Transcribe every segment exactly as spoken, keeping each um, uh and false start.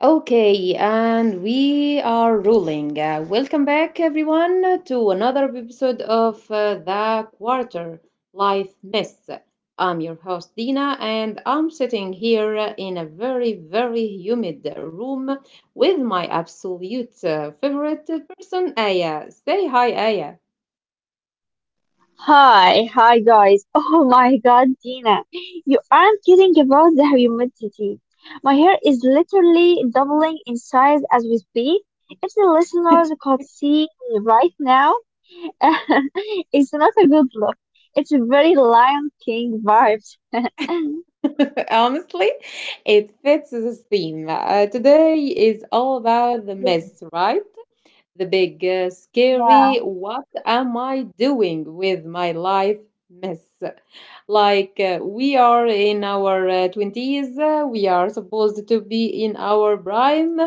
Okay, and we are rolling. Uh, welcome back, everyone, to another episode of uh, The Quarter Life Mess. I'm your host, Dina, and I'm sitting here uh, in a very, very humid room with my absolute uh, favorite person, Aya. Say hi, Aya. Hi, hi guys. Oh my god, Dina. You aren't kidding about the humidity. My hair is literally doubling in size as we speak. If the listeners could see me right now, it's not a good look. It's a very Lion King vibes. Honestly, it fits the theme. Uh, today is all about the mess, right? The big, uh, scary, Yeah, what am I doing with my life mess? Like, uh, we are in our uh, twenties, uh, we are supposed to be in our prime,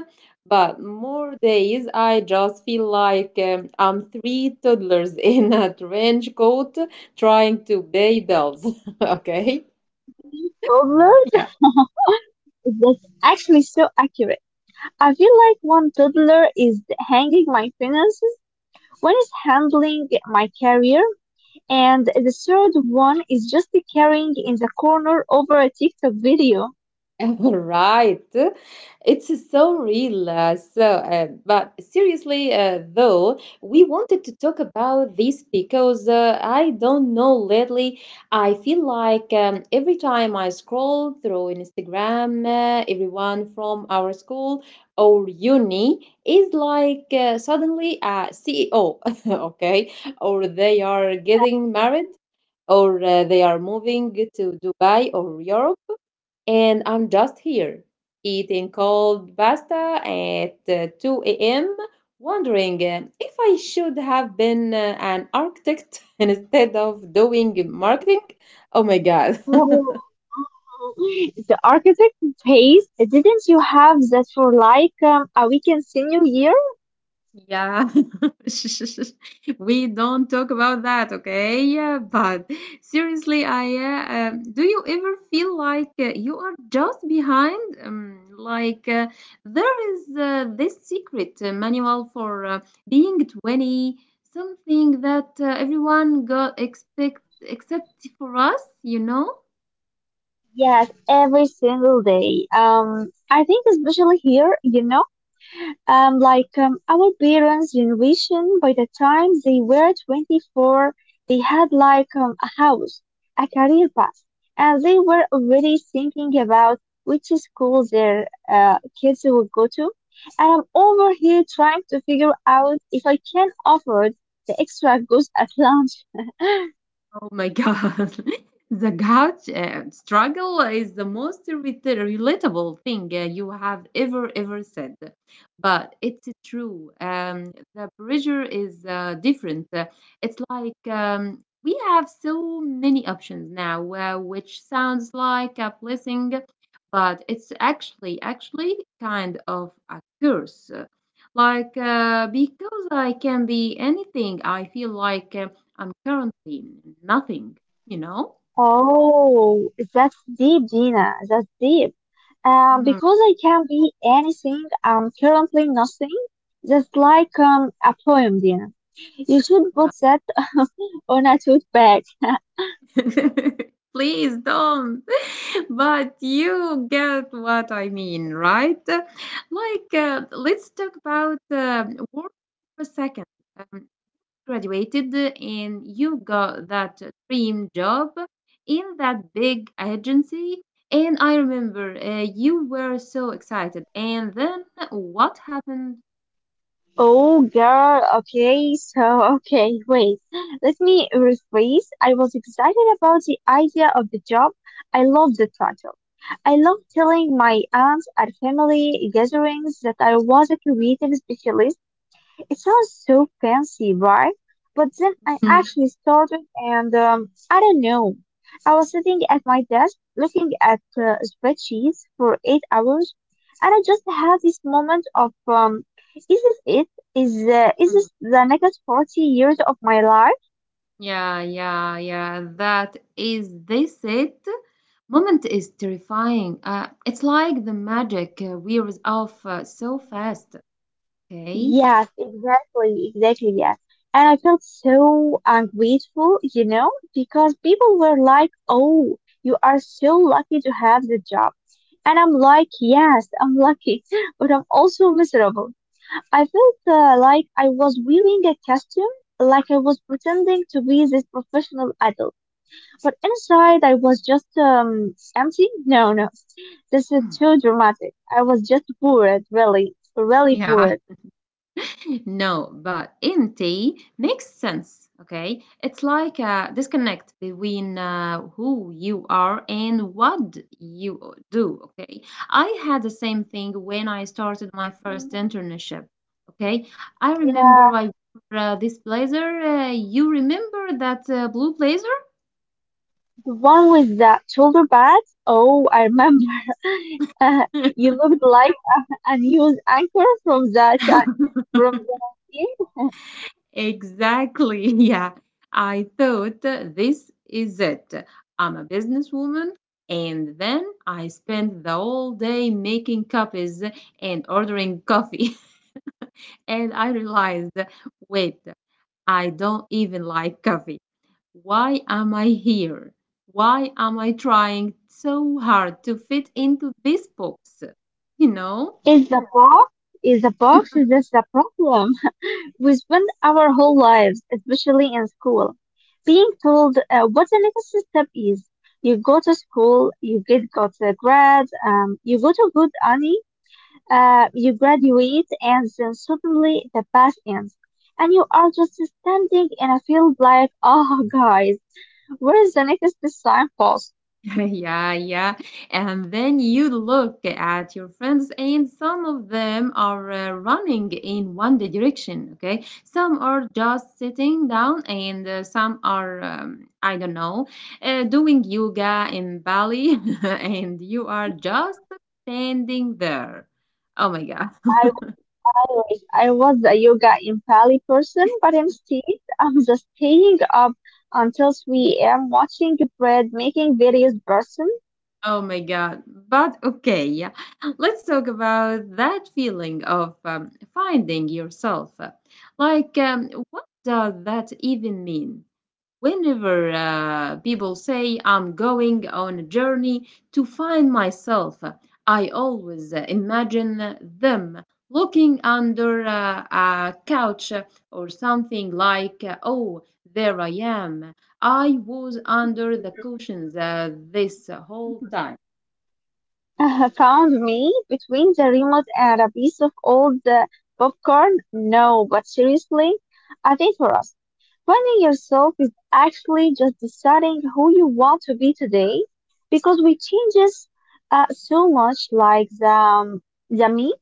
but more days I just feel like um, I'm three toddlers in a trench coat trying to pay bills. Okay. mini toddlers? That's actually so accurate. I feel like one toddler is hanging my finances, one is handling my career, And the third one is just carrying in the corner over a TikTok video. Right, it's so real. Uh, so uh, but seriously uh, though, we wanted to talk about this because uh, I don't know, lately I feel like um, every time I scroll through Instagram, uh, everyone from our school or uni is like uh, suddenly a CEO. Okay, or they are getting married or uh, they are moving to Dubai or Europe, and I'm just here, eating cold pasta at uh, two a m, wondering uh, if I should have been uh, an architect instead of doing marketing. Oh my god. the architect pays. Didn't you have that for like um, a weekend senior year? Yeah, we don't talk about that, okay? Yeah, but seriously, I uh, um, do you ever feel like uh, you are just behind? Um, like uh, there is uh, this secret uh, manual for uh, being twenty, something that uh, everyone got expect except for us, you know? Yes, every single day. Um, I think especially here, you know. Um, like um, our parents' generation, by the time they were twenty-four, they had like um, a house, a career path, and they were already thinking about which school their uh, kids would go to. And I'm over here trying to figure out if I can afford the extra goose at lunch. Oh my God. The couch uh, struggle is the most rela- relatable thing uh, you have ever, ever said. But it's true. Um, the pressure is uh, different. Uh, It's like um, we have so many options now, uh, which sounds like a blessing, but it's actually, actually kind of a curse. Like, uh, because I can be anything, I feel like. uh, I'm currently in nothing, you know? Oh, that's deep, Gina. That's deep. Um, Mhm. Because I can be anything, I'm currently nothing. That's like um, a poem, Gina. You should put that on a tote bag. Please don't. But you get what I mean, right? Like, uh, let's talk about uh, work for a second. Um, graduated and you got that dream job in that big agency. And I remember uh, you were so excited. And then what happened? Oh, girl. Okay, so okay, wait. Let me rephrase. I was excited about the idea of the job. I love the title. I love telling my aunts at family gatherings that I was a creative specialist. It sounds so fancy, right? But then I Mm. actually started, and um, I don't know. I was sitting at my desk looking at uh, spreadsheets for eight hours, and I just had this moment of, um, is this it? Is uh, is this the next forty years of my life? Yeah, yeah, yeah. That is this it. Moment is terrifying. Uh, it's like the magic uh, wears off uh, so fast. Okay. Yes, exactly, exactly, yes. And I felt so ungrateful, you know, because people were like, oh, you are so lucky to have the job. And I'm like, yes, I'm lucky, but I'm also miserable. I felt uh, like I was wearing a costume, like I was pretending to be this professional adult. But inside, I was just um, empty. No, no, this is too dramatic. I was just bored, really, really Yeah. bored. No, but empty makes sense. Okay, it's like a disconnect between uh, who you are and what you do. Okay, I had the same thing when I started my first Mm-hmm. internship. Okay, I Yeah, remember I wore uh, this blazer. Uh, you remember that uh, blue blazer? the one with the shoulder pads. Oh, I remember. Uh, you looked like a news anchor from that, from the magazine. Exactly. Yeah. I thought uh, this is it. I'm a businesswoman. And then I spent the whole day making copies and ordering coffee. And I realized, wait, I don't even like coffee. Why am I here? Why am I trying so hard to fit into this box? You know? Is the box? Is the box? Is this the problem? We spend our whole lives, especially in school, being told uh, what the next step is. You go to school, you get got the grades, um, you go to good. Uh, you graduate, and then suddenly the past ends, and you are just standing in a field like, oh, guys, where's the next signpost? Yeah, yeah. And then you look at your friends, and some of them are uh, running in one direction, okay? Some are just sitting down, and uh, some are, um, I don't know, uh, doing yoga in Bali, and you are just standing there. Oh my God. I wish, I wish I was a yoga in Pali person, but instead I'm just staying up until three a m watching bread making various person. Oh my God. But okay, yeah. Let's talk about that feeling of um, finding yourself. Like, um, what does that even mean? Whenever uh, people say, I'm going on a journey to find myself, I always uh, imagine them looking under uh, a couch or something like, uh, oh, there I am. I was under the cushions uh, this whole time. Uh, found me between the remote and a piece of old uh, popcorn. No, but seriously, I think for us. Finding yourself is actually just deciding who you want to be today because we changes uh, so much like the, um, the me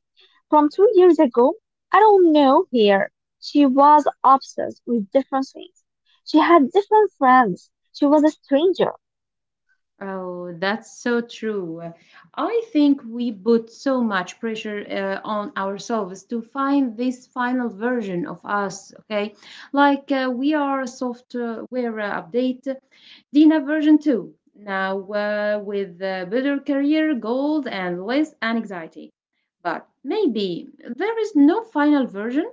from two years ago. I don't know here. She was obsessed with different things. She had different friends. She was a stranger. Oh, that's so true. I think we put so much pressure uh, on ourselves to find this final version of us, okay? Like uh, we are a software uh, update, Dina version two, now uh, with uh, better career goals and less anxiety. But maybe there is no final version.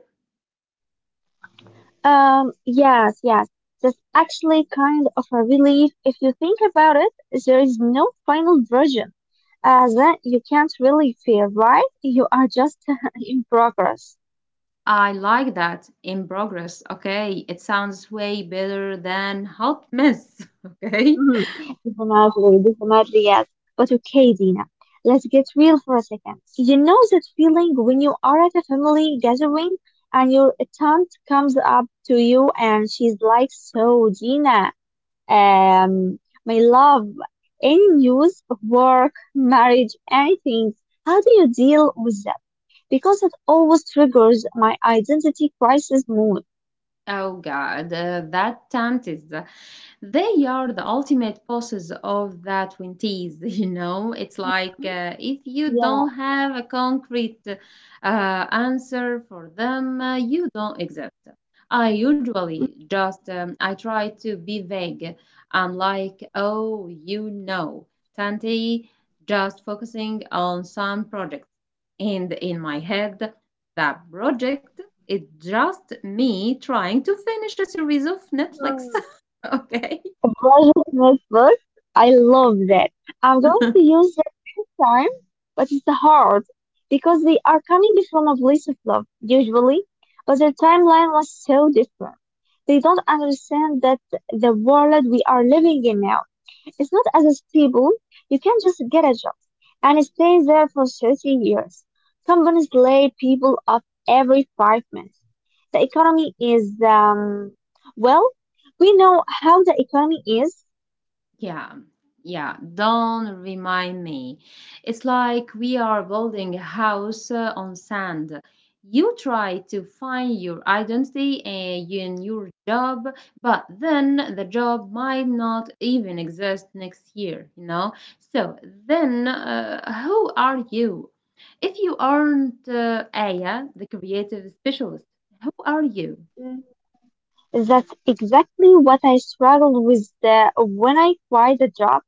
Um, yes, yes. That's actually kind of a relief. If you think about it, there is no final version. as uh, you can't really feel, right? You are just in progress. I like that in progress, okay? It sounds way better than hot mess, okay? Mhm. Definitely, definitely, yes. But okay, Dina, let's get real for a second. You know that feeling when you are at a family gathering and your aunt comes up to you and she's like, so, Dina, um, my love, any news, work, marriage, anything, how do you deal with that? Because it always triggers my identity crisis mood. Oh God, uh, that tanties. They are the ultimate bosses of the twenties, you know? It's like Mm-hmm. uh, if you Yeah. don't have a concrete uh, answer for them, uh, you don't exist. I usually just, um, I try to be vague. I'm like, oh, you know, Tanti, just focusing on some projects. And in my head, that project it's just me trying to finish a series of Netflix, Mhm. okay? Brother Network. I love that. I'm going to use that next time, but it's hard because they are coming from a place of love, usually, but their timeline was so different. They don't understand that the world we are living in now is not as stable. You can't just get a job and stay there for thirty years. Companies lay people off every five minutes. The economy is, um, well, we know how the economy is. Yeah, yeah, don't remind me. It's like we are building a house uh, on sand. You try to find your identity uh, in your job, but then the job might not even exist next year, you know? So then, uh, who are you? If you aren't uh, Aya, the creative specialist, who are you? Mhm. That's exactly what I struggled with uh, when I quit the job.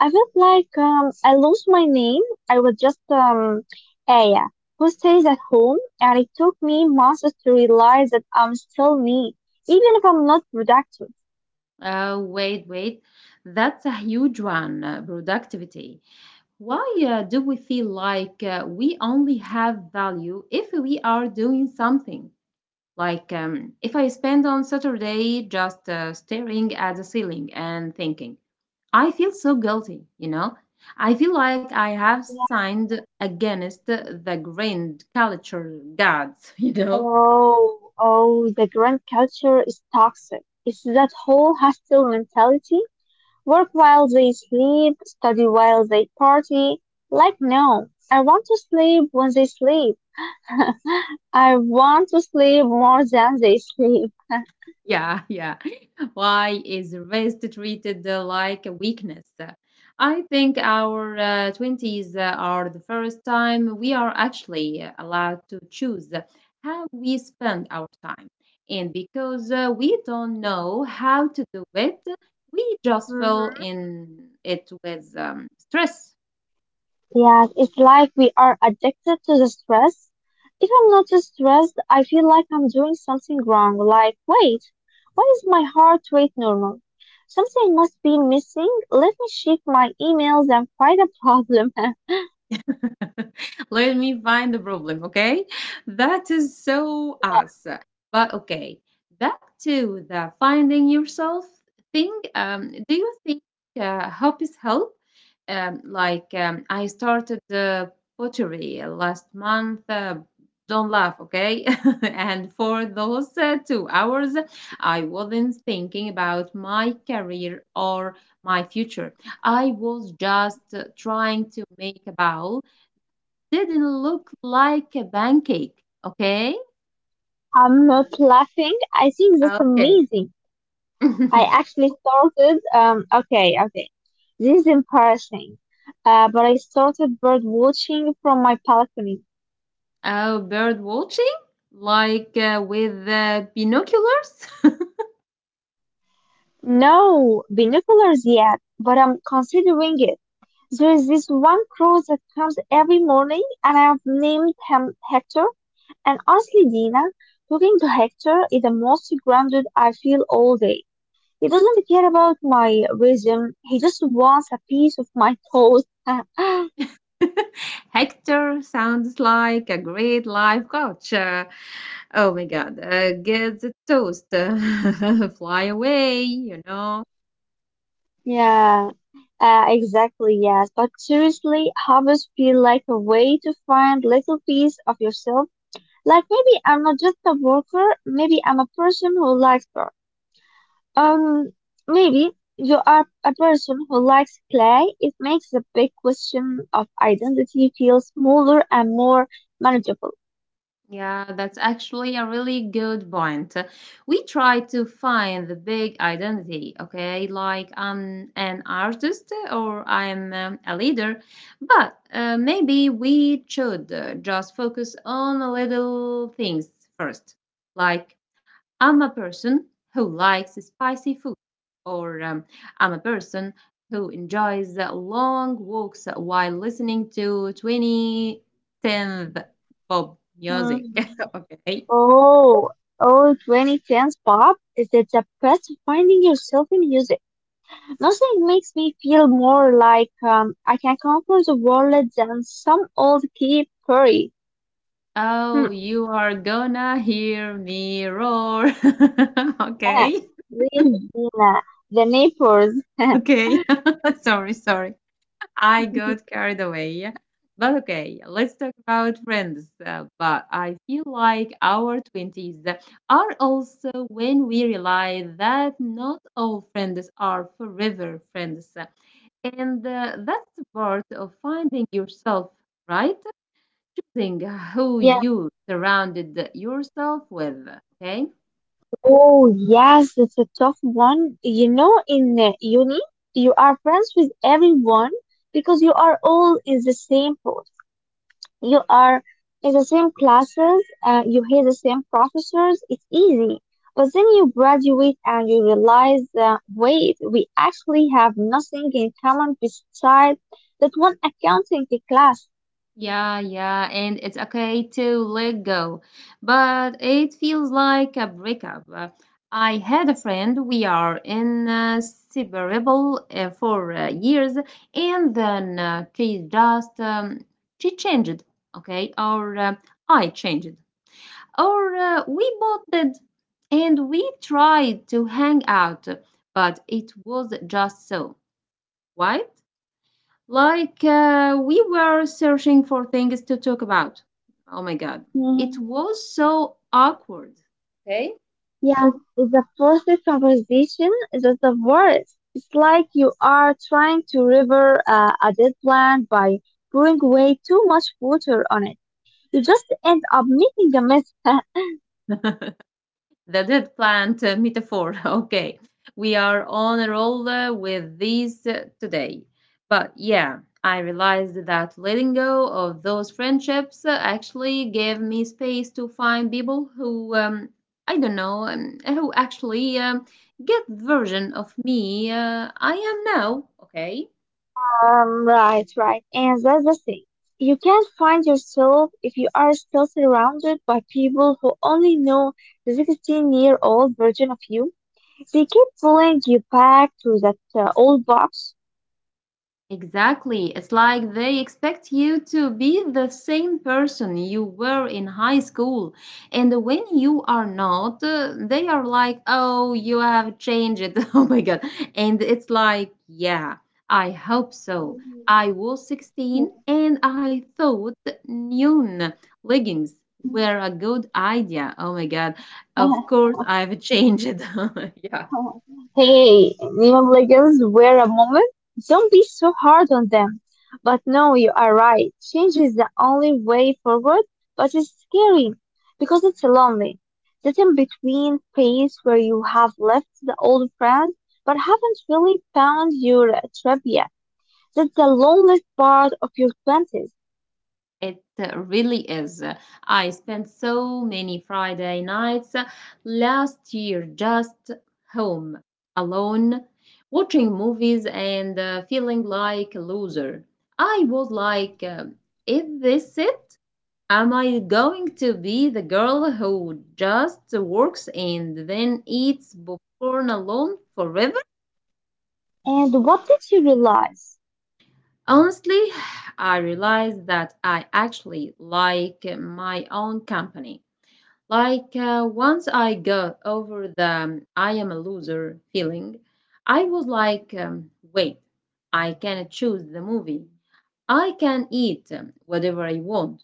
I felt like um, I lost my name. I was just um, Aya, who stays at home, and it took me months to realize that I'm still me, even if I'm not productive. Uh, wait, wait, that's a huge one, uh, productivity. Why uh, do we feel like uh, we only have value if we are doing something? Like um, if I spend on Saturday just uh, staring at the ceiling and thinking, I feel so guilty, you know? I feel like I have Yeah. signed against the grand culture gods, you know? Oh, oh, the grand culture is toxic. It's that whole hostile mentality. Work while they sleep, study while they party. Like, no, I want to sleep when they sleep. I want to sleep more than they sleep. Yeah, yeah. Why is rest treated uh, like a weakness? Uh, I think our uh, twenties uh, are the first time we are actually uh, allowed to choose how we spend our time. And because uh, we don't know how to do it, we just fill Mm-hmm. in it with um, stress. Yes, it's like we are addicted to the stress. If I'm not stressed, I feel like I'm doing something wrong. Like, wait, why is my heart rate normal? Something must be missing. Let me check my emails and find a problem. Let me find the problem, okay? That is so Yeah. us. But okay, back to the finding yourself thing. Um, do you think uh, help is help? Um, like um, I started the pottery last month. Uh, don't laugh, okay? And for those uh, two hours, I wasn't thinking about my career or my future. I was just uh, trying to make about didn't look like a pancake, okay? I'm not laughing. I think that's Okay. amazing. I actually started, um, okay, okay. This is embarrassing. Uh, but I started bird watching from my balcony. Oh, bird watching? Like uh, with uh, binoculars? No binoculars yet, but I'm considering it. There is this one crow that comes every morning, and I've named him Hector. And honestly, Dina, talking to Hector is the most grounded I feel all day. He doesn't really care about my wisdom. He just wants a piece of my thought. Hector sounds like a great life coach. Uh, oh my god, uh, get the toast. Fly away, you know. Yeah, uh, exactly. Yes, but seriously, hobbies feel like a way to find little piece of yourself. Like maybe I'm not just a worker. Maybe I'm a person who likes art. Um, Maybe you are a person who likes play. It makes the big question of identity feel smaller and more manageable. Yeah, that's actually a really good point. We try to find the big identity, okay? Like I'm an artist or I'm um, a leader, but uh, maybe we should uh, just focus on the little things first, like I'm a person who likes spicy food, or um, I'm a person who enjoys long walks while listening to twenty ten pop Hmm. music. Okay. Oh, oh, twenty tens pop is it the best of finding yourself in music. Nothing makes me feel more like um, I can conquer the world than some old Katy Perry. Oh, Hmm. you are gonna hear me roar. Ah, Okay. Regina, the neighbors. Okay. Sorry, sorry. I got Mhm. carried away. But okay, let's talk about friends. Uh, but I feel like our twenties are also when we realize that not all friends are forever friends. And uh, that's the part of finding yourself, right? Choosing who Yeah. you surrounded yourself with, okay? Oh, yes, it's a tough one. You know, in uh, uni, you are friends with everyone because you are all in the same boat. You are in the same classes, uh, you hear the same professors, it's easy. But then you graduate and you realize that, wait, we actually have nothing in common besides that one accounting class. Yeah, yeah, and it's okay to let go, but it feels like a breakup. Uh, I had a friend, we are inseparable uh, for uh, years, and then uh, she just um, she changed, okay, or uh, I changed, or uh, we both did, and we tried to hang out, but it was just so. Why? Like uh, we were searching for things to talk about. Oh my god. It Mhm. was so awkward. Okay? Yes, the first conversation is the worst. It's like you are trying to river uh, a dead plant by pouring way too much water on it. You just end up making a mess. The dead plant uh, metaphor. Okay, we are on a roll uh, with these uh, today. But yeah, I realized that letting go of those friendships uh, actually gave me space to find people who, um, I don't know, um, who actually um, get the version of me uh, I am now. Okay. Um, right, right. And that's the thing. You can't find yourself if you are still surrounded by people who only know the sixteen-year-old version of you. They keep pulling you back to that uh, old box. Exactly. It's like they expect you to be the same person you were in high school. And when you are not, uh, they are like, oh, you have changed. Oh my God. And it's like, yeah, I hope so. I was sixteen and I thought neon leggings were a good idea. Oh my God. Of course, I've changed. Oh, hey, Neon Legends were a moment. Don't be so hard on them. But no, you are right. Change is the only way forward, but it's scary because it's lonely. That in between phase where you have left the old friends but haven't really found your tribe yet. That's the loneliest part of your twenties. It uh, really is. I spent so many Friday nights uh, last year just home, alone, watching movies and uh, feeling like a loser. I was like, uh, is this it? Am I going to be the girl who just works and then eats popcorn alone forever? And what did you realize? Honestly, I realized that I actually like my own company. Like uh, once I got over the um, I am a loser feeling, I was like, um, wait, I can choose the movie. I can eat um, whatever I want.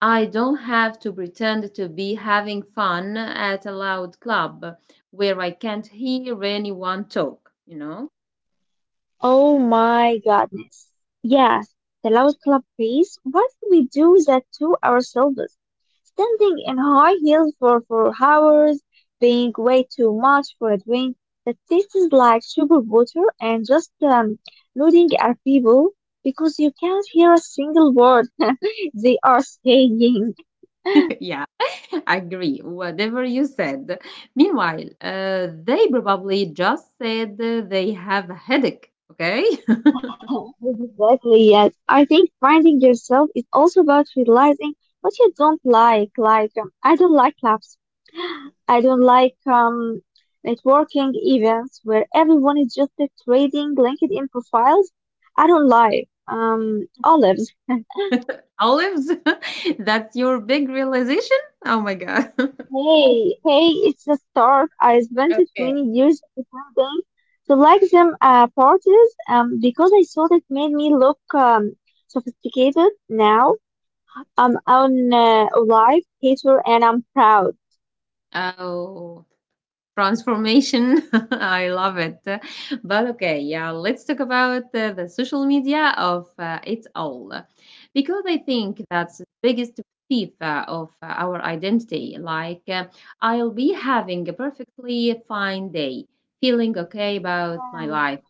I don't have to pretend to be having fun at a loud club where I can't hear anyone talk, you know? Oh my goodness. Yes, the loud club piece. Why do we do that to ourselves? Standing in high heels for four hours, paying way too much for a drink that tastes like sugar water, and just um, nodding at people because you can't hear a single word they are saying. Yeah, agree. Whatever you said. Meanwhile, uh, they probably just said they have a headache, okay? Exactly, yes. I think finding yourself is also about realizing what you don't like. Like, um, I don't like clubs. I don't like um, networking events where everyone is just trading LinkedIn profiles. I don't like um, olives. Olives? That's your big realization? Oh my God. Hey, hey, it's a start. I spent Okay. twenty years pretending to like them at parties um, because I thought it made me look um, sophisticated. Now I'm on uh, a live hater and I'm proud. Oh, transformation. I love it. But okay, yeah, let's talk about uh, the social media of uh, it all. Because I think that's the biggest thief uh, of uh, our identity. Like, uh, I'll be having a perfectly fine day, feeling okay about my life.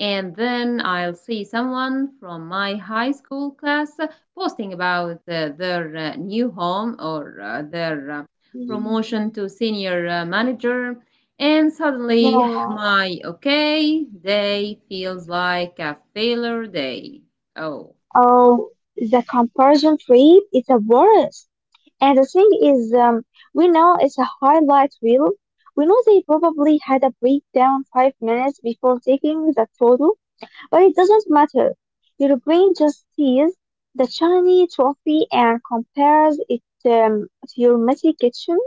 And then I'll see someone from my high school class posting about uh, their uh, new home or uh, their uh, Yeah. Mm, promotion to senior uh, manager, and suddenly, yeah. my okay day feels like a failure day. Oh. Oh, the comparison tree is the worst. And the thing is, um, we know it's a highlight reel. We know they probably had a breakdown five minutes before taking the photo, but it doesn't matter. Your brain just sees the shiny trophy and compares it um, to your messy kitchen.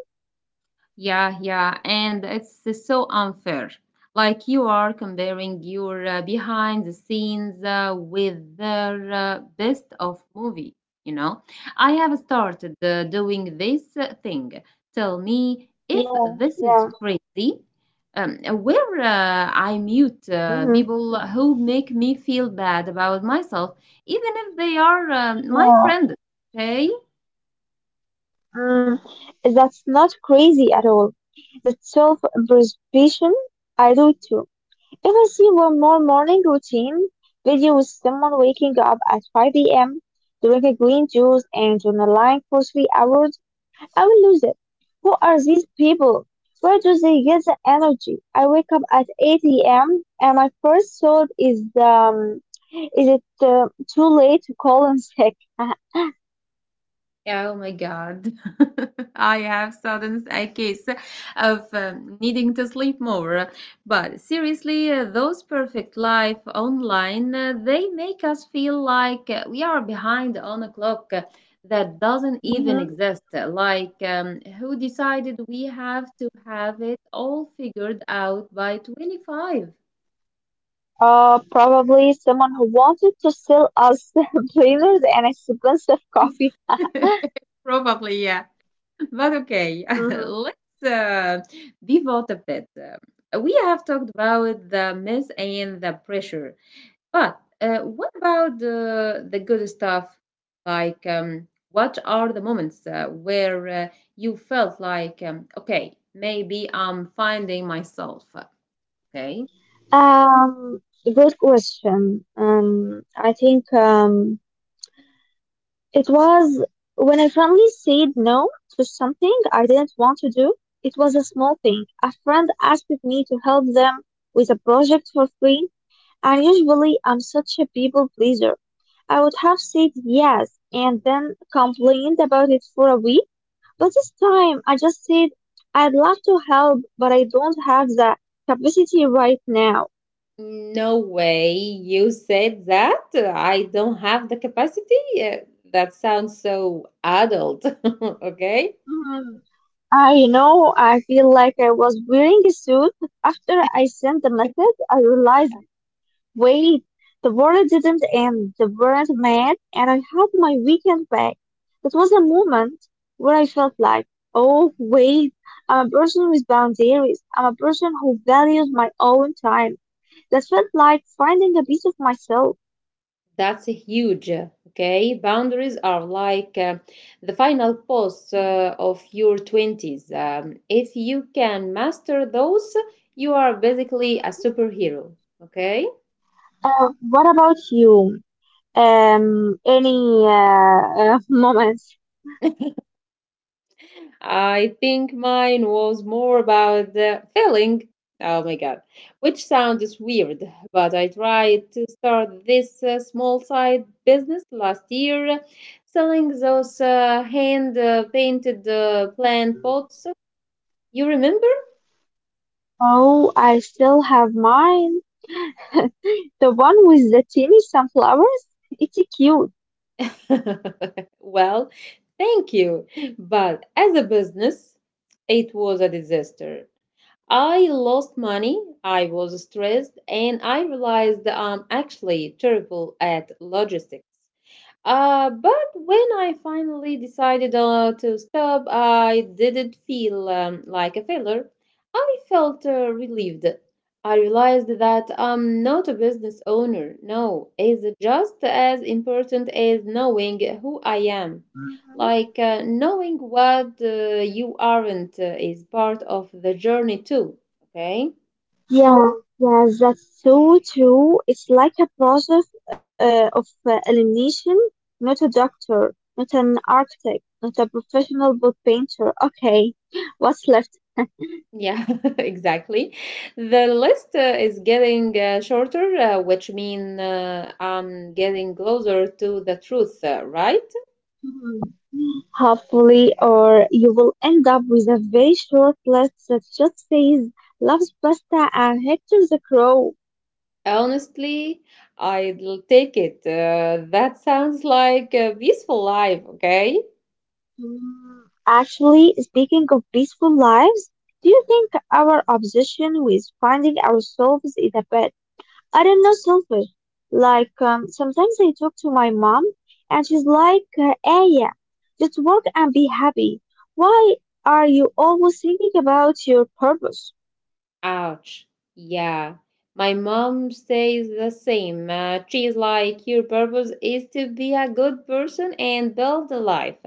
Yeah, yeah, and it's uh, so unfair. Like, you are comparing your uh, behind the scenes uh, with their uh, best of movie, you know? I have started uh, doing this uh, thing. Tell me if Yeah, this is yeah, crazy, um, where hmm, uh, I mute uh, people who make me feel bad about myself, even if they are um, my yeah. friends, okay? Mm. That's not crazy at all. That's self-preservation. I do it too. If I see one more morning routine video with someone waking up at five a m, drink a m, drinking green juice, and journaling for three hours, I will lose it. Who are these people? Where do they get the energy? I wake up at eight a m and my first thought is, um, is it uh, too late to call in sick? Yeah. Oh my God. I have sudden a case of um, needing to sleep more. But seriously, uh, those perfect life online, uh, they make us feel like uh, we are behind on a clock uh, that doesn't even Mhm. exist. Uh, Like, um, who decided we have to have it all figured out by twenty-five? Uh, probably someone who wanted to sell us planners and expensive coffee. Probably, yeah. But okay, Mhm. let's uh, pivot a bit. Uh, We have talked about the myths and the pressure, but uh, what about uh, the good stuff? Like, um, what are the moments uh, where uh, you felt like, um, okay, maybe I'm finding myself? Okay. Um, Good question. Um, I think um, it was when I finally said no to something I didn't want to do. It was a small thing. A friend asked me to help them with a project for free, and usually I'm such a people pleaser. I would have said yes and then complained about it for a week, but this time I just said I'd love to help, but I don't have the capacity right now. No way you said that. I don't have the capacity. Uh, That sounds so adult. Okay. Mm-hmm. I know, I feel like I was wearing a suit. After I sent the message, I realized, wait, the world didn't end, the weren't mad, and I had my weekend back. That was a moment where I felt like, oh, wait, I'm a person with boundaries. I'm a person who values my own time. That felt like finding a piece of myself. That's huge. Okay, boundaries are like uh, the final boss uh, of your twenties. Um, if you can master those, you are basically a superhero. Okay, Uh, what about you? Um, any uh, uh, moments? I think mine was more about the feeling. Oh my God, which sounds weird, but I tried to start this uh, small side business last year, selling those uh, hand uh, painted uh, plant pots. You remember? Oh, I still have mine. The one with the teeny sunflowers? It's cute. Well, thank you. But as a business, it was a disaster. I lost money, I was stressed, and I realized that I'm actually terrible at logistics. Uh, but when I finally decided uh, to stop, I didn't feel um, like a failure. I felt uh, relieved. I realized that I'm not a business owner. No, it's just as important as knowing who I am. Mhm. Like, uh, knowing what uh, you aren't uh, is part of the journey too. Okay. Yeah, yeah, that's so true. It's like a process uh, of uh, elimination. Not a doctor, not an architect, not a professional book painter. Okay, what's left? Yeah, exactly. The list uh, is getting uh, shorter, uh, which means uh, I'm getting closer to the truth, uh, right? Mhm. Hopefully, or you will end up with a very short list that just says loves pasta and Hector the Crow. Honestly, I'll take it. Uh, that sounds like a peaceful life, okay? Mm. Actually, speaking of peaceful lives, do you think our obsession with finding ourselves is a bit, I don't know, selfish? Like, um, sometimes I talk to my mom and she's like, uh, Aya, just work and be happy. Why are you always thinking about your purpose? Ouch. Yeah. My mom says the same. Uh, she's like, your purpose is to be a good person and build a life.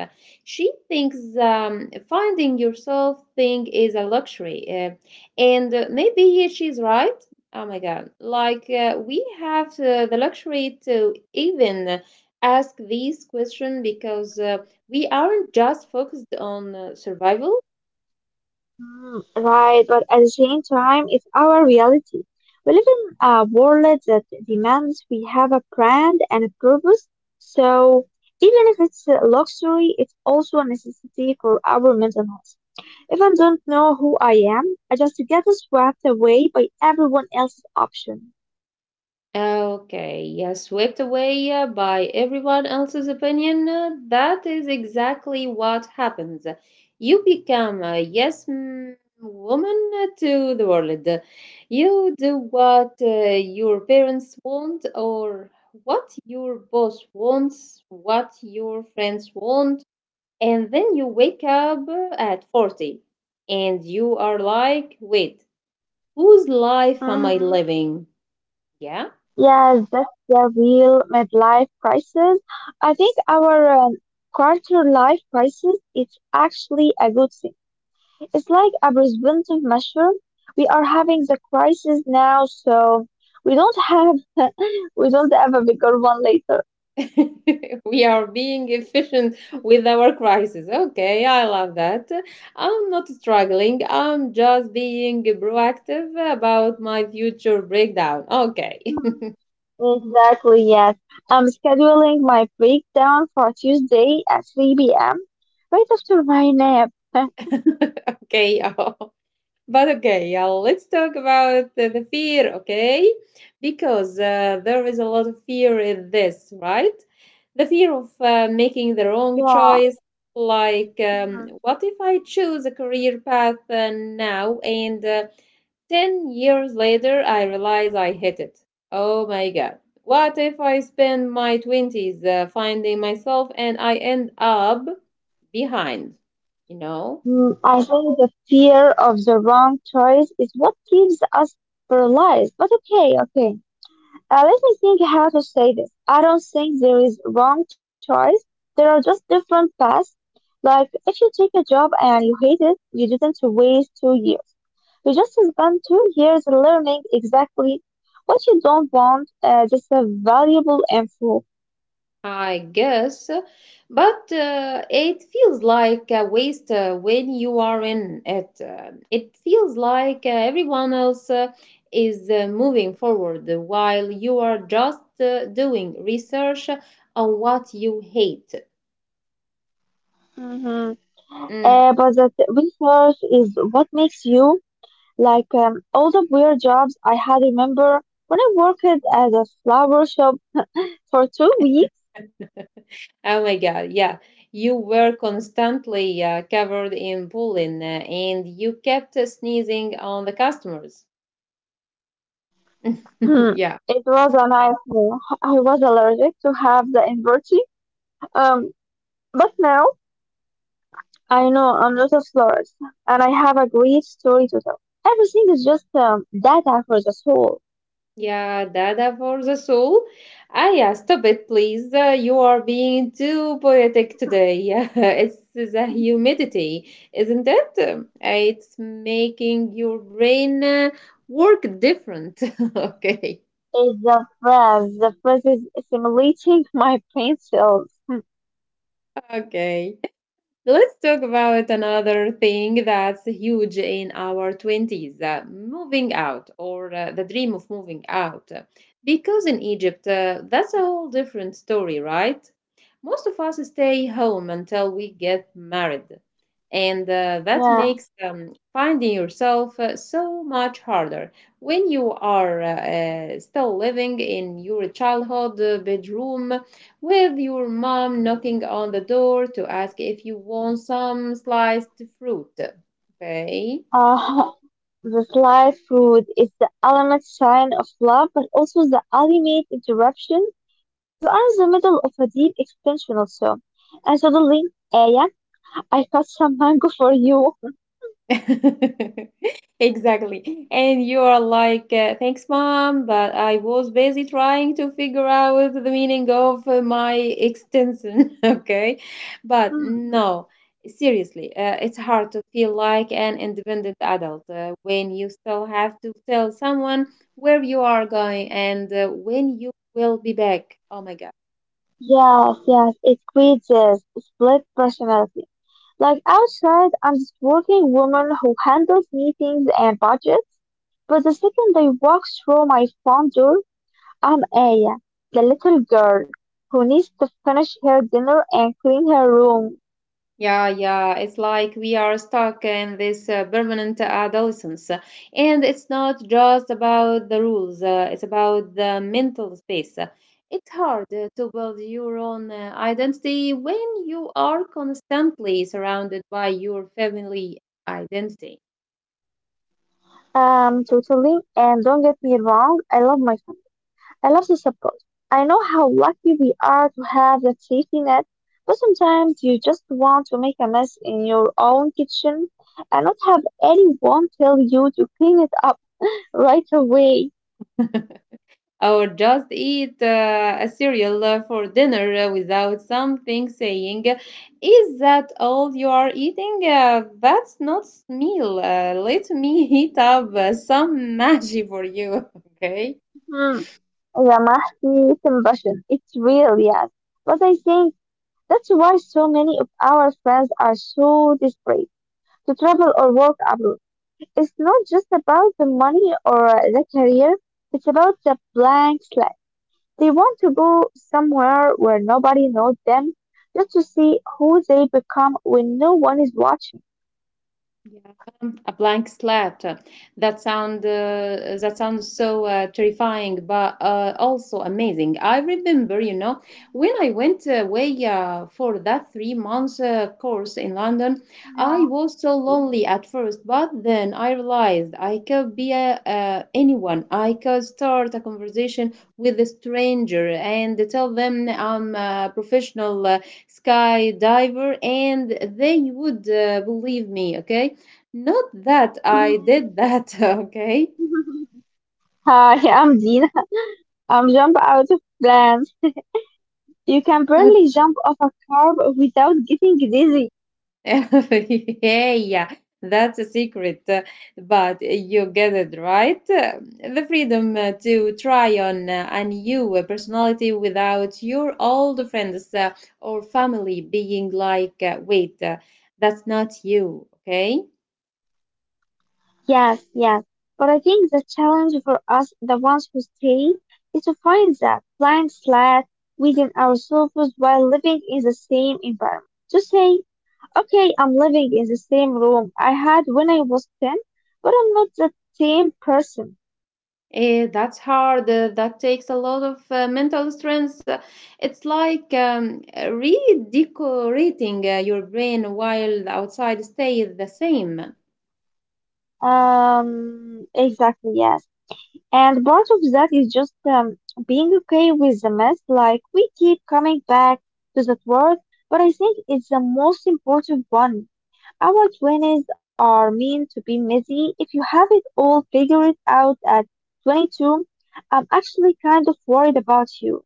She thinks um, finding yourself thing is a luxury. Uh, and uh, maybe she's right. Oh my God. Like, uh, we have uh, the luxury to even ask these questions because uh, we aren't just focused on uh, survival. Mm. Right, but at the same time, it's our reality. We live in a world that demands we have a brand and a purpose. So, even if it's a luxury, it's also a necessity for our mental health. If I don't know who I am, I just get swept away by everyone else's option. Okay, yeah, swept away uh, by everyone else's opinion. uh, That is exactly what happens. You become a yes mm, woman to the world. You do what uh, your parents want, or what your boss wants, what your friends want, and then you wake up uh, at forty, and you are like, wait, whose life am I Hmm. living? Yeah. Yes, that's the real midlife crisis. I think our um, quarter life crisis is actually a good thing. It's like a preventive measure. We are having the crisis now, so we don't have we don't have a bigger one later. We are being efficient with our crisis. Okay, I love that. I'm not struggling. I'm just being proactive about my future breakdown. Okay. Hmm. Exactly, yes. I'm scheduling my breakdown for Tuesday at three p m, right after my nap. Okay. But okay, yeah, let's talk about the the fear, okay? Because uh, there is a lot of fear in this, right? The fear of uh, making the wrong Yeah. choice. Like, um, Mhm. what if I choose a career path uh, now and uh, Ten years later, I realized I hate it. Oh my God. What if I spend my twenties uh, finding myself and I end up behind? You know? Mm, I think the fear of the wrong choice is what keeps us paralyzed. But okay, okay. Uh, let me think how to say this. I don't think there is wrong choice. There are just different paths. Like if you take a job and you hate it, you didn't waste two years. You just spent two years learning exactly what you don't want. Uh, this is valuable info. I guess. But uh, it feels like a waste uh, when you are in it. Uh, it feels like uh, everyone else uh, is uh, moving forward while you are just uh, doing research on what you hate. Mm-hmm. Mm. Uh, but that research is what makes you like um, all the weird jobs I had. Remember when I worked at a flower shop for two weeks? Oh my God, yeah. You were constantly uh, covered in pollen uh, and you kept uh, sneezing on the customers. Hmm. Yeah. It was a nightmare. I was allergic to half the inverti. Um, but now I know I'm not a florist, and I have a great story to tell. Everything is just um, data for the soul. Yeah, Dada for the soul. Ah, yeah, stop it, please. Uh, you are being too poetic today. Yeah, it's the humidity, isn't it? Um, It's making your brain uh, work different. Okay. It's the phrase. The phrase is simulating my brain cells. Hmm. Okay. Let's talk about another thing that's huge in our twenties, uh, moving out, or uh, the dream of moving out. Because in Egypt, uh, that's a whole different story, right? Most of us stay home until we get married, and uh, that makes Yeah. um, finding yourself uh, so much harder when you are uh, uh, still living in your childhood uh, bedroom, with your mom knocking on the door to ask if you want some sliced fruit. Okay. Uh, the slide food is the ultimate sign of love, but also the ultimate interruption. You are in the middle of a deep existential storm, and suddenly, Aya, I cut some mango for you. Exactly. And you are like, uh, thanks, mom, but I was busy trying to figure out the meaning of uh, my extension. Okay. But Mhm. no, seriously, uh, it's hard to feel like an independent adult uh, when you still have to tell someone where you are going and uh, when you will be back. Oh my God. Yes, yes, it squeezes. Split personality. Like outside, I'm this working woman who handles meetings and budgets, but the second I walk through my front door, I'm Aya, the little girl who needs to finish her dinner and clean her room. Yeah, yeah, it's like we are stuck in this uh, permanent adolescence. And it's not just about the rules, uh, it's about the mental space. It's hard uh, to build your own uh, identity when you are constantly surrounded by your family identity. Um, totally, and don't get me wrong, I love my I love the support. I know how lucky we are to have that safety net, but sometimes you just want to make a mess in your own kitchen and not have anyone tell you to clean it up right away. Or just eat uh, a cereal uh, for dinner uh, without something saying, is that all you are eating? Uh, that's not meal. Uh, let me heat up uh, some magic for you, okay? Hmm. Yeah, mahdi compassion. It's real, yes. But I think that's why so many of our friends are so desperate to travel or work abroad. It's not just about the money or uh, the career. It's about the blank slate. They want to go somewhere where nobody knows them, just to see who they become when no one is watching. Yeah, a blank slate. That sound uh, that sounds so uh, terrifying, but uh, also amazing. I remember, you know, when I went away uh, for that three months uh, course in London. I was so lonely at first, but then I realized I could be uh, uh, anyone. I could start a conversation with a stranger and tell them I'm a professional uh, skydiver, and they would uh, believe me. Okay, not that Yeah. I did that, okay? Hi, I'm Dina. I'm jump out of plans. You can barely jump off a curb without getting dizzy. Yeah, yeah. That's a secret, uh, but you get it, right? Uh, The freedom uh, to try on uh, a new uh, personality without your old friends uh, or family being like, uh, wait, uh, that's not you, okay? Yes, yes. But I think the challenge for us, the ones who stay, is to find that blind slot within ourselves while living in the same environment. To say, okay, I'm living in the same room I had when I was ten, but I'm not the same person. Eh, that's hard. Uh, that takes a lot of uh, mental strength. Uh, It's like um, redecorating uh, your brain while the outside stays the same. Um, exactly, yes. And part of that is just um, being okay with the mess. Like, we keep coming back to that word, but I think it's the most important one. Our twenties are meant to be messy. If you have it all figured out at twenty-two, I'm actually kind of worried about you.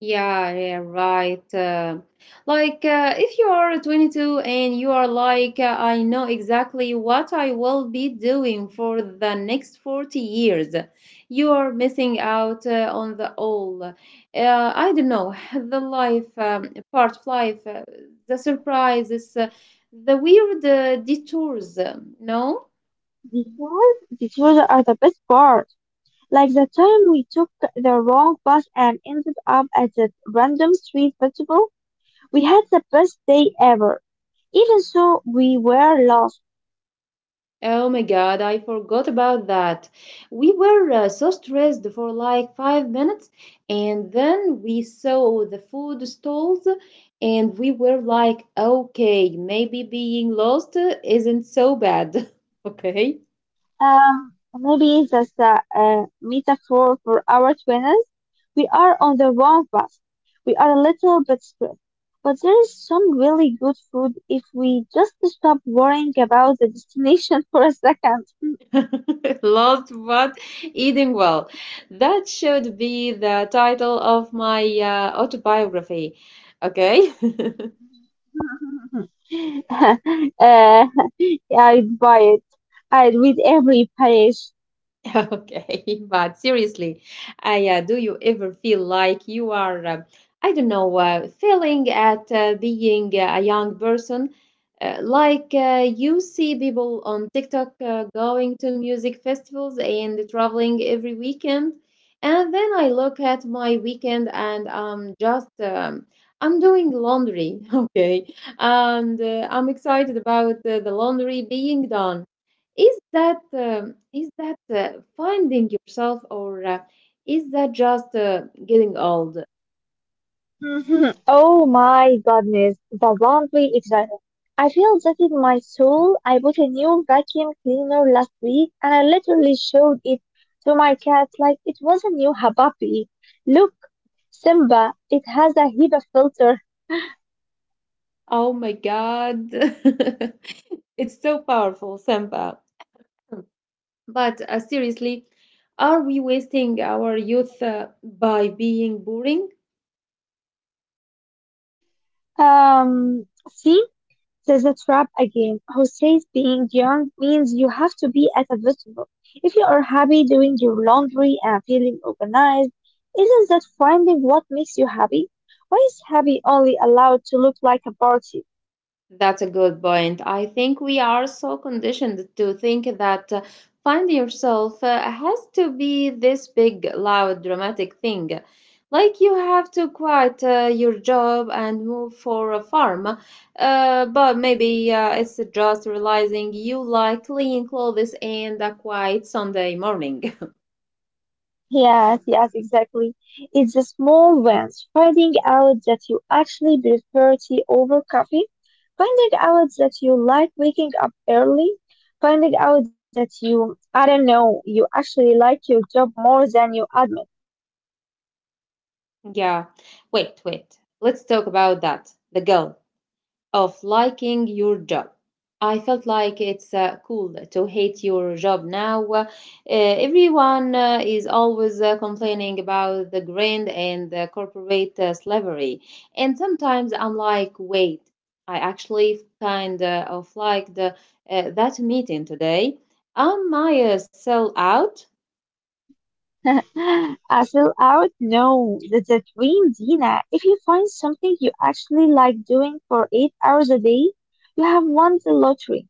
Yeah, yeah, right. Uh, like, uh, if you are twenty-two and you are like, uh, I know exactly what I will be doing for the next forty years, you are missing out uh, on the all. Uh, I don't know, the life, um, part of life, uh, the surprises, uh, the weird uh, detours, um, no? Because the children are the best part. Like the time we took the wrong bus and ended up at a random street festival, we had the best day ever. Even so, we were lost. Oh my God, I forgot about that. We were uh, so stressed for like five minutes, and then we saw the food stalls, and we were like, okay, maybe being lost uh, isn't so bad. Okay. Um, maybe that's a, a metaphor for our twins. We are on the wrong bus. We are a little bit stressed. But there is some really good food if we just stop worrying about the destination for a second. Lost but eating well. That should be the title of my uh, autobiography. Okay. uh, I'd buy it. I'd read every page. Okay, but seriously, I uh, do you ever feel like you are, um, I don't know, uh, failing at uh, being uh, a young person? Uh, like uh, you see people on TikTok uh, going to music festivals and traveling every weekend, and then I look at my weekend and I'm just um, I'm doing laundry, okay, and uh, I'm excited about uh, the laundry being done. Is that um, is that uh, finding yourself, or uh, is that just uh, getting old? Mhm. Oh my goodness, the laundry excited. I feel that in my soul. I bought a new vacuum cleaner last week and I literally showed it to my cat like it was a new Habapi. Look, Simba, it has a HEPA filter. Oh my God. It's so powerful, Samba. But uh, seriously, are we wasting our youth uh, by being boring? Um, See? There's a trap again. Who says being young means you have to be at a vegetable? If you are happy doing your laundry and feeling organized, isn't that finding what makes you happy? Why is happy only allowed to look like a party? That's a good point. I think we are so conditioned to think that uh, find yourself uh, has to be this big, loud, dramatic thing. Like, you have to quit uh, your job and move for a farm. Uh, but maybe uh, it's just realizing you like clean clothes and a quiet Sunday morning. Yes, yes, exactly. It's the small ones. Finding out that you actually prefer tea over coffee. Finding out that you like waking up early. Finding out that you, I don't know, you actually like your job more than you admit. Yeah. Wait, wait. Let's talk about that. The guilt of liking your job. I felt like it's uh, cool to hate your job now. Uh, everyone uh, is always uh, complaining about the grind and the corporate uh, slavery. And sometimes I'm like, wait, I actually kind of like uh, that meeting today. Am I a sellout? I feel out? No, that's a dream, Dina. If you find something you actually like doing for eight hours a day, you have won the lottery.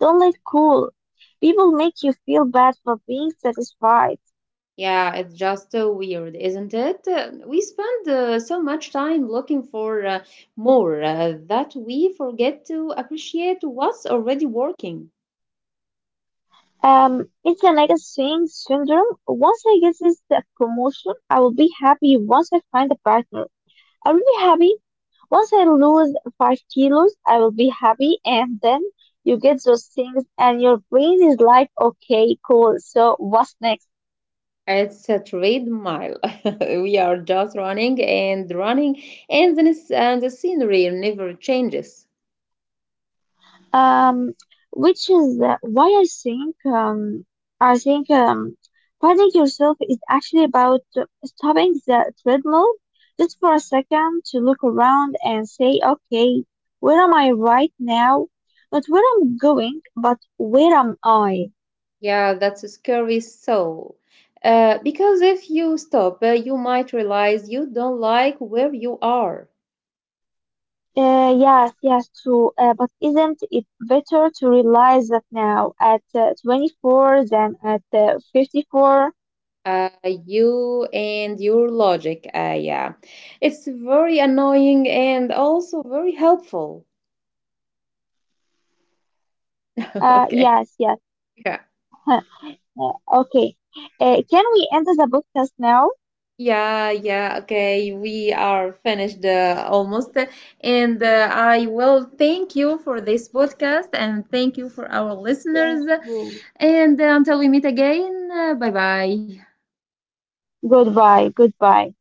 Don't let cool people make you feel bad for being satisfied. Yeah, it's just uh, weird, isn't it? Uh, We spend uh, so much time looking for uh, more uh, that we forget to appreciate what's already working. Um, it's a negative a syndrome. Once I get this uh, promotion, I will be happy. Once I find a partner, I will be happy. Once I lose five kilos, I will be happy. And then you get those things, and your brain is like, okay, cool. So what's next? It's a trade mile. We are just running and running, and then it's, and the scenery never changes. Um, which is uh, why I think, um, I think, um, finding yourself is actually about stopping the treadmill just for a second to look around and say, okay, where am I right now? Not where I'm going, but where am I? Yeah, that's a scary soul. Uh, because if you stop, uh, you might realize you don't like where you are. Uh, yes, yes, true. Uh, but isn't it better to realize that now at uh, twenty-four than at uh, fifty-four? Uh, you and your logic. Uh, yeah, it's very annoying and also very helpful. Uh, okay. Yes, yes. Yeah. Huh. Uh, okay. Uh, can we end the podcast now? Yeah, yeah, okay. We are finished uh, almost. And uh, I will thank you for this podcast and thank you for our Yes. listeners. And uh, until we meet again, uh, bye bye. Goodbye, goodbye.